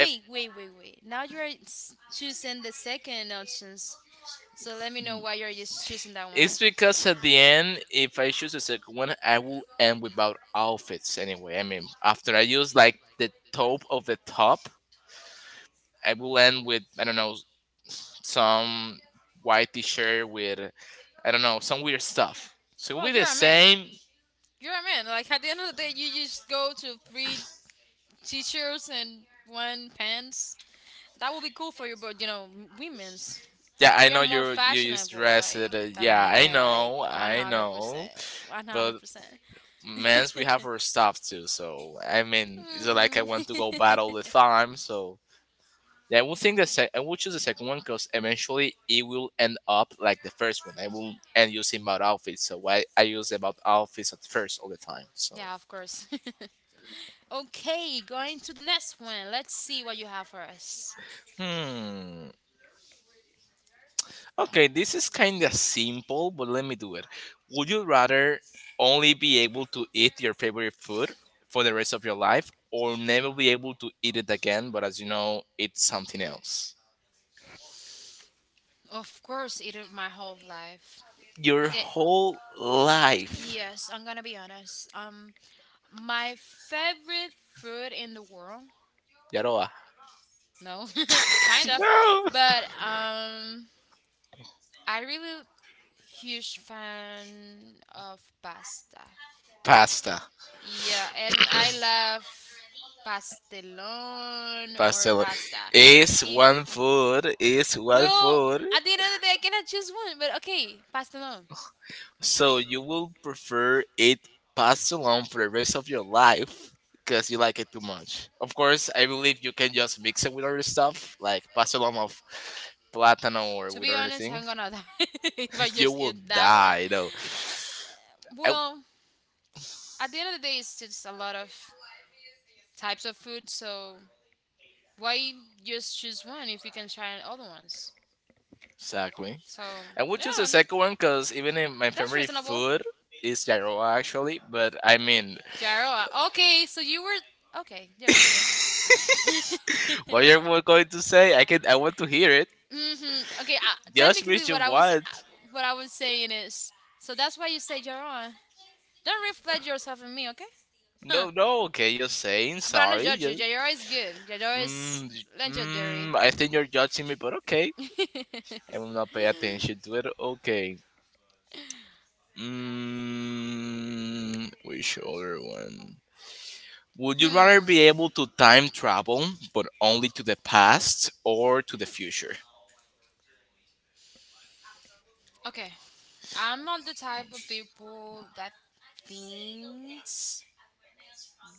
S2: wait, wait, wait. Now you are choosing the second options. So let me know why you're just choosing that one.
S1: It's because at the end, if I choose the second one, I will end without outfits anyway. I mean, after I use like the top of the top, I will end with I don't know some white t-shirt with I don't know some weird stuff. So it will
S2: Well,
S1: be the
S2: you're a man.
S1: same.
S2: You're a man. Like at the end of the day, you just go to three t-shirts and one pants. That would be cool for you, but you know, women's
S1: Yeah, I
S2: we
S1: know
S2: are more
S1: you use
S2: fashionable
S1: dress. It,
S2: like the
S1: yeah, I
S2: man, like
S1: know,
S2: one
S1: I
S2: hundred percent,
S1: know.
S2: one hundred
S1: But
S2: percent.
S1: men's we have our stuff too. So I mean, it's not like I want to go bad all the time. So yeah, I will think the I will choose the second one because eventually it will end up like the first one. I will end using about outfits. So I use about outfits at first all the time. So
S2: Yeah, of course. Okay, going to the next one. Let's see what you have for us.
S1: hmm. Okay, this is kind of simple, but let me do it. Would you rather only be able to eat your favorite food for the rest of your life or never be able to eat it again, but as you know, it's something else?
S2: Of course, it is my whole life.
S1: Your
S2: Okay.
S1: whole life.
S2: Yes, I'm gonna be honest. My favorite food in the world.
S1: Yaroa.
S2: No, kind of.
S1: No!
S2: But I really huge fan of pasta.
S1: Pasta.
S2: Yeah, and I love pastelón or
S1: Pasta.
S2: pasta.
S1: Is
S2: If
S1: one food, is one
S2: well,
S1: food.
S2: at the end of the day, I cannot choose one. But okay, pastelón.
S1: So you will prefer it passed along for the rest of your life because you like it too much. Of course, I believe you can just mix it with other stuff, like pass along of platano or
S2: To
S1: with
S2: be
S1: other
S2: honest,
S1: thing.
S2: I'm gonna die if I
S1: You
S2: just
S1: will
S2: eat that one.
S1: die though. I-
S2: Well, at the end of the day, it's just a lot of types of food. So why just choose one if you can try other ones?
S1: exactly.
S2: So
S1: I would
S2: yeah,
S1: choose the second one because even in my
S2: that's
S1: favorite
S2: reasonable.
S1: food is gyroa actually. But I mean,
S2: Jaroa. Okay, so you were okay. Yeah, continue.
S1: what you're going to say, I can. I want to hear it.
S2: Mm-hmm. Okay.
S1: Just
S2: Technically,
S1: which you want.
S2: what I was saying is so that's why you say Jaroa. Don't reflect yourself in me, okay? Huh.
S1: No, no, okay, you're saying
S2: But I'm not
S1: sorry.
S2: judge you.
S1: Just,
S2: Jaroa is good. Jaroa is
S1: mm, y-
S2: legendary.
S1: mm, I think you're judging me, but okay. I will not pay attention to it. Okay. Mm, which other one? Would you rather
S2: Hmm.
S1: be able to time travel, but only to the past or to the future?
S2: Okay. I'm not the type of people that thinks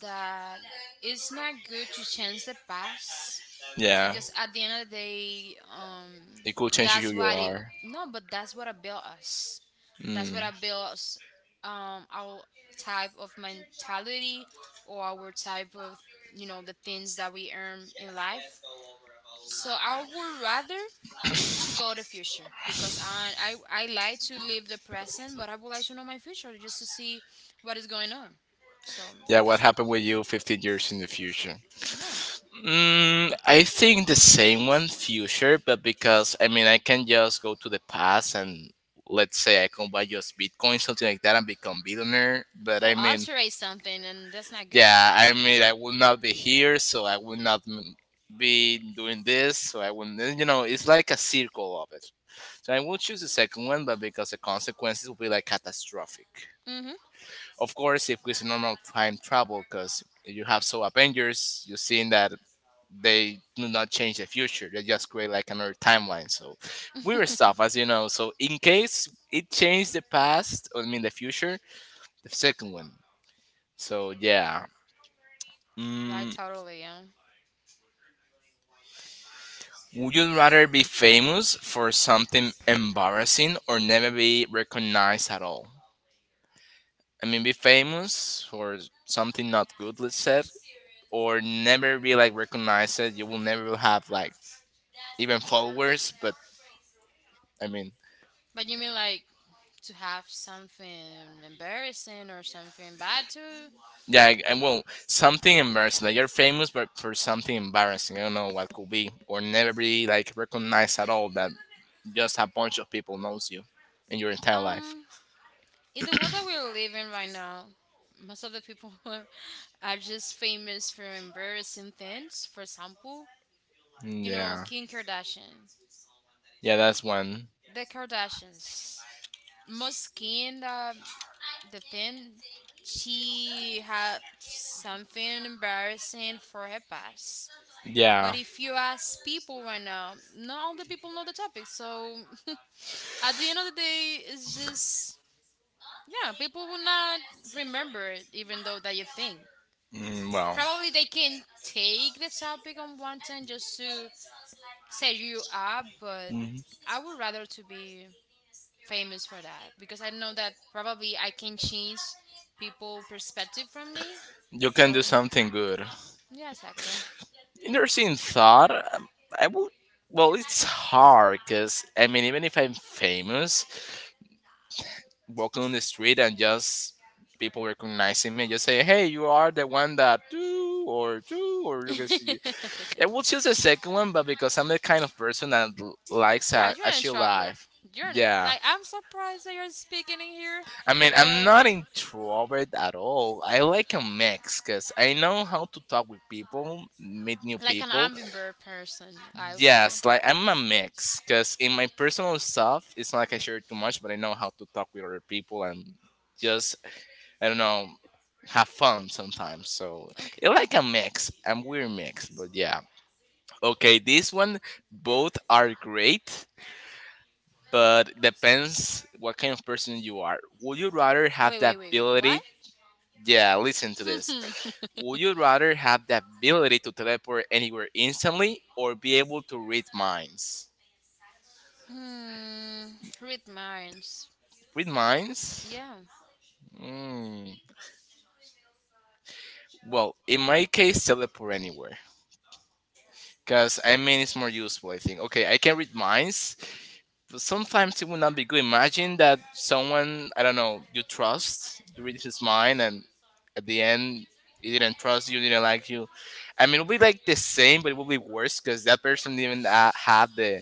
S2: that it's not good to change the past
S1: Yeah,
S2: because at the end of the day,
S1: it could change who
S2: that's
S1: you
S2: what it.
S1: are.
S2: No, but that's what I built us. That's
S1: Mm.
S2: what I built us, our type of mentality or our type of you know the things that we earn in life. So I would rather to go the future because I like to live the present, but I would like to know my future just to see what is going on. So
S1: Yeah, what
S2: that's it.
S1: happened with you 15 years in the future?
S2: Yeah.
S1: Mm, I think the same one, future, but because I mean, I can just go to the past and let's say I can buy just Bitcoin, something like that, and become billionaire. But
S2: Oh,
S1: I mean,
S2: alterate something, and that's not good.
S1: yeah, I mean, I will not be here, so I will not be doing this, so I will, not you know, it's like a circle of it. So I will choose the second one, but because the consequences will be like catastrophic.
S2: Mm-hmm.
S1: Of course, if it's normal time travel, because you have so Avengers, you seen that they do not change the future. They just create like another timeline. So weird stuff, as you know. So in case it changed the past, I mean the future, the second one. So yeah.
S2: Like
S1: Mm,
S2: totally, yeah.
S1: would you rather be famous for something embarrassing or never be recognized at all? I mean, be famous for something not good, let's say, or never be like recognized, you will never have like even followers. But I mean,
S2: But you mean like to have something embarrassing or something bad to
S1: yeah, well, something embarrassing. Like you're famous, but for something embarrassing, I don't know what could be, or never be like recognized at all. That just a bunch of people knows you in your entire life.
S2: um in the world that we're living right now, most of the people are just famous for embarrassing things. For example,
S1: Mm,
S2: you know
S1: yeah,
S2: Kim Kardashian,
S1: yeah, that's one.
S2: the Kardashians. Most Kim, the thing, she had something embarrassing for her past. But
S1: Yeah,
S2: if you ask people right now, not all the people know the topic. So at the end of the day, it's just yeah, people will not remember it, even though that you think.
S1: mm, well.
S2: Probably they can take the topic on one time just to set you up, but
S1: Mhm.
S2: I would rather to be famous for that because I know that probably I can change people perspective from me.
S1: You can
S2: So
S1: do something good.
S2: yeah, exactly.
S1: Interesting thought. I would. Well, it's hard because I mean, even if I'm famous, walking on the street and just people recognizing me, just say, "Hey, you are the one that do or you can see." I will choose the second one, but because I'm the kind of person that likes
S2: Yeah,
S1: a
S2: you're
S1: a
S2: an
S1: chill
S2: introvert.
S1: life. Yeah.
S2: Like I'm surprised that you're speaking in here,
S1: I mean, I'm
S2: but
S1: not introvert at all. I like a mix because I know how to talk with people, meet new
S2: like an
S1: people.
S2: ambivert person, I would say.
S1: Yes, like I'm a mix because in my personal stuff, it's not like I share too much, but I know how to talk with other people and just, I don't know, have fun sometimes. So I like a
S2: Okay.
S1: mix. I'm weird mix, but yeah. Okay, this one, both are great. But depends what kind of person you are. Would you rather have
S2: Wait,
S1: the
S2: wait, wait.
S1: ability.
S2: What?
S1: Yeah, listen to this. Would you rather have the ability to teleport anywhere instantly or be able to read minds?
S2: Hmm. Read minds.
S1: Read minds?
S2: Yeah.
S1: Mm. Well, in my case, teleport anywhere. Because, I mean, it's more useful, I think. Okay, I can read minds, but sometimes it would not be good. Imagine that someone, I don't know, you trust, you read his mind, and at the end, he didn't trust you, didn't like you. I mean, it would be like the same, but it would be worse because that person didn't have the.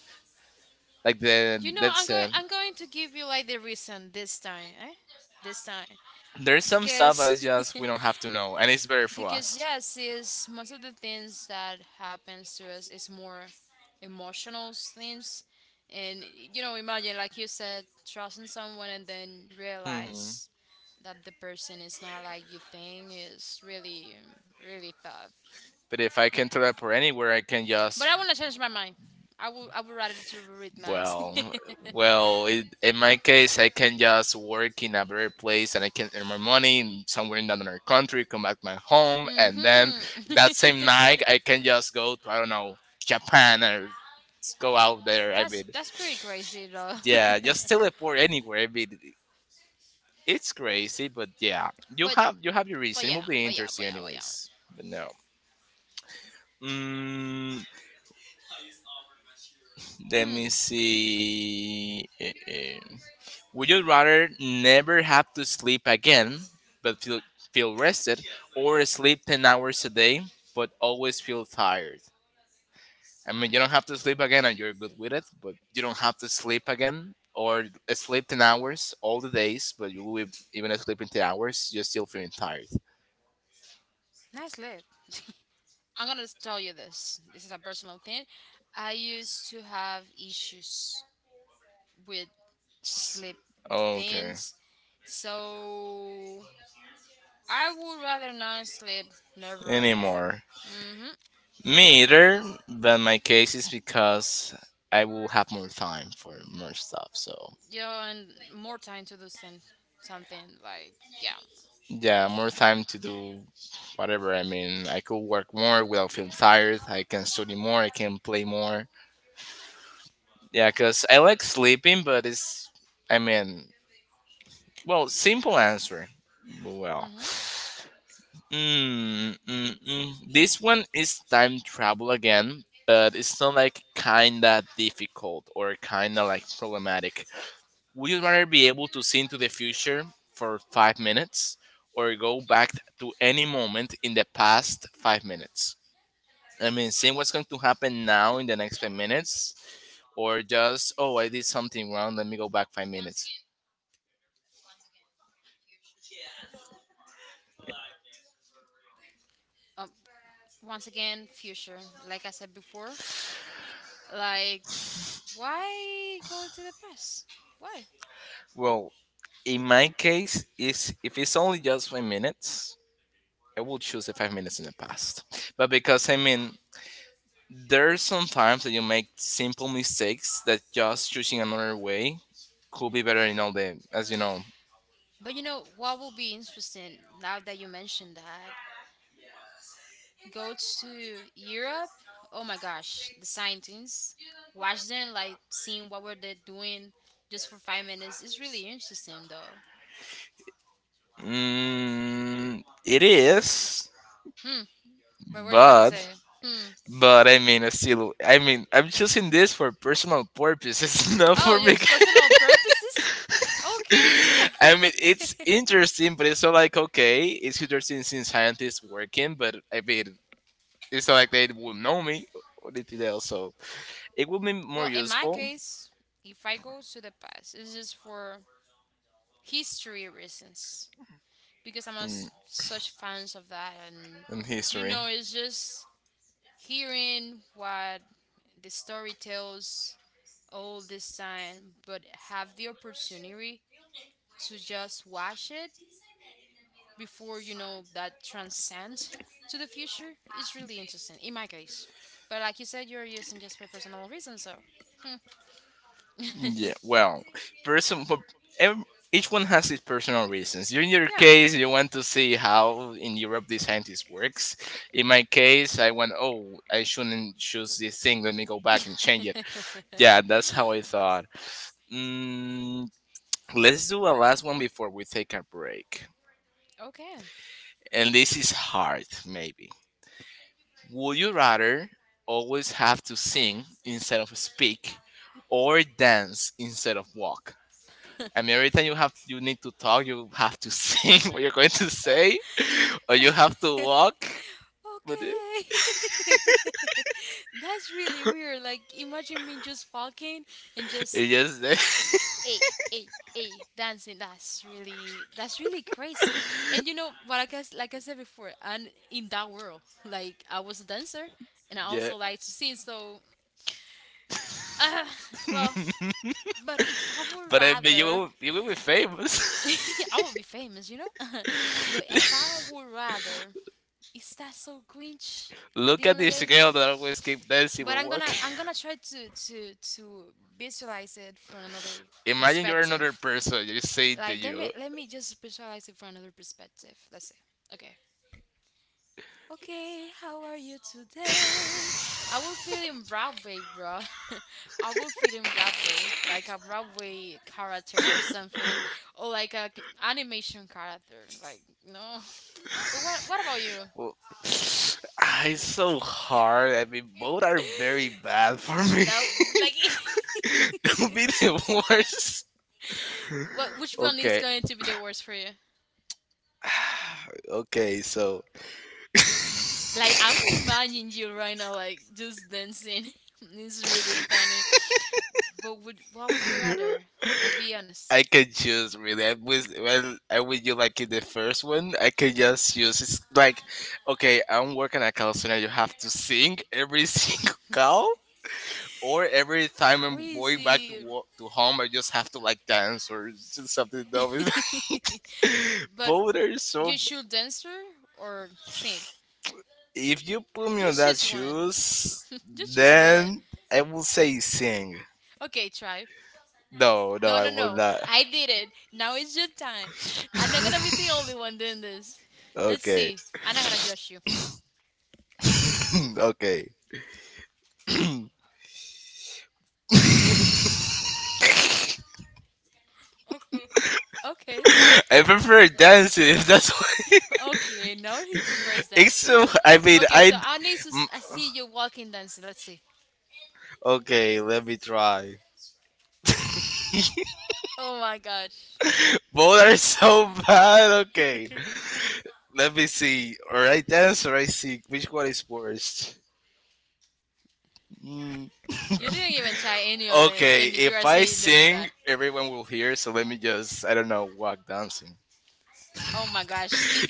S1: Like
S2: You know, I'm going to give you like the reason this time. Eh? This time
S1: there's some stuff that
S2: because
S1: is just we don't have to know, and it's better for
S2: because
S1: us.
S2: yes is most of the things that happens to us is more emotional things, and you know imagine like you said trusting someone and then
S1: Hmm.
S2: realize that the person is not like you think is really really tough,
S1: But if I can throw up or anywhere, I can just
S2: but I want to change my mind. I would rather to read minds.
S1: well, well. It, in my case, I can just work in a better place, and I can earn my money in somewhere in another country, come back to my home, and then
S2: Hmm.
S1: that same night, I can just go to I don't know Japan or go out there. I mean,
S2: That's pretty crazy though.
S1: yeah, just teleport anywhere. I mean, it's crazy, but yeah, you
S2: but
S1: have you have your
S2: but
S1: reason. It will
S2: yeah,
S1: be
S2: but yeah, but
S1: interesting,
S2: yeah, but yeah.
S1: anyways. But no. Mm, let me
S2: Hmm.
S1: see. Eh, eh. Would you rather never have to sleep again, but feel rested, or sleep 10 hours a day, but always feel tired? I mean, you don't have to sleep again, and you're good with it. But you don't have to sleep again, or sleep 10 hours all the days, but you will be even sleeping 10 hours, you're still feeling tired. S- Okay. Anymore. Me either, but my case is because I will have more time for more stuff. So, yeah, more time to do whatever. I mean, I could work more without feeling tired. I can study more. I can play more. Yeah, because I like sleeping, but it's, I mean, well, simple answer. Well, mm. This one is time travel again, but it's not like kinda difficult or kinda like problematic. Would you rather be able to see into the future for 5 minutes or go back to any moment in the past 5 minutes? I mean, seeing what's going to happen now in the next 5 minutes, or just, oh, I did something wrong, let me go back 5 minutes. Well, in my case, is if it's only just 5 minutes, I will choose the 5 minutes in the past. But because I mean there's sometimes that you make simple mistakes that just choosing another way could be better in all the as you know. Mm, it is but but I mean I still I mean I'm choosing this for personal purposes, not for me. I mean it's interesting but it's not like okay, it's interesting since scientists working but I mean it's not like they will know me or anything else. So it would be more useful in, in history. Yeah, well, person, but ev- each one has its personal reasons. In your case, you want to see how in Europe the scientist works. In my case, I went, oh, I shouldn't choose this thing. Let me go back and change it. Yeah, that's how I thought. Mm, let's do a last one before we take a break. And this is hard, maybe. Would you rather always have to sing instead of speak or dance instead of walk. I mean, every time you need to talk, you have to sing what you're going to say, or you have to walk. But it just yeah. But I mean, you will be famous. Look at this girl that always keep dancing when walking. Imagine you're another person. You say to you, well, ah, "It's so hard." I mean, both are very bad for me. Don't be the worst. Okay. Okay, so I can choose really. I was well, I would you like in the first one. I can just choose. It's like okay, I'm working at call center. You have to sing every single call, or every time I'm going back to work, to home, I just have to like dance or just something dumb. Both are so. If you put me on that shoes, then I will say sing. No, no, I will not. Okay, okay. I prefer dancing. If that's what. It's so. I mean, I. m- Okay, let me try. Both are so bad. Okay, let me see. All right, dance or I sing. Which one is worst? Mm, okay, if I sing, everyone will hear. So let me just. I don't know. Walk dancing.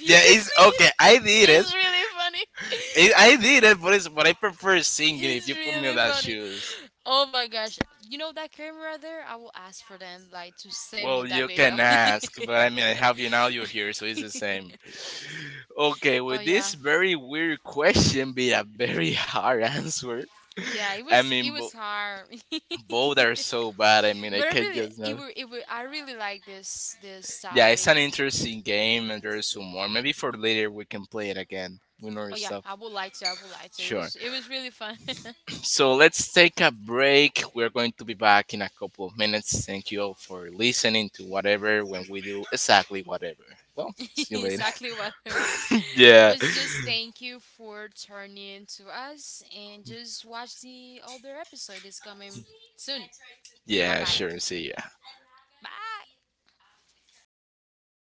S1: Yeah, it's okay. I did it. It I did it, but it's. But I prefer singing. If you put me in that shoes. Well, you can ask, but I mean, I have you now, you're here, so it's the same. Okay, with this very weird question be a very hard answer. I mean, both are so bad. I mean, I can just not. Yeah, it's an interesting game, and there's some more. Maybe for later we can play it again. We know stuff. Sure. So let's take a break. We're going to be back in a couple of minutes. Thank you all for listening to whatever when we do exactly whatever. Well, see you later. Yeah. Yeah, sure. See ya.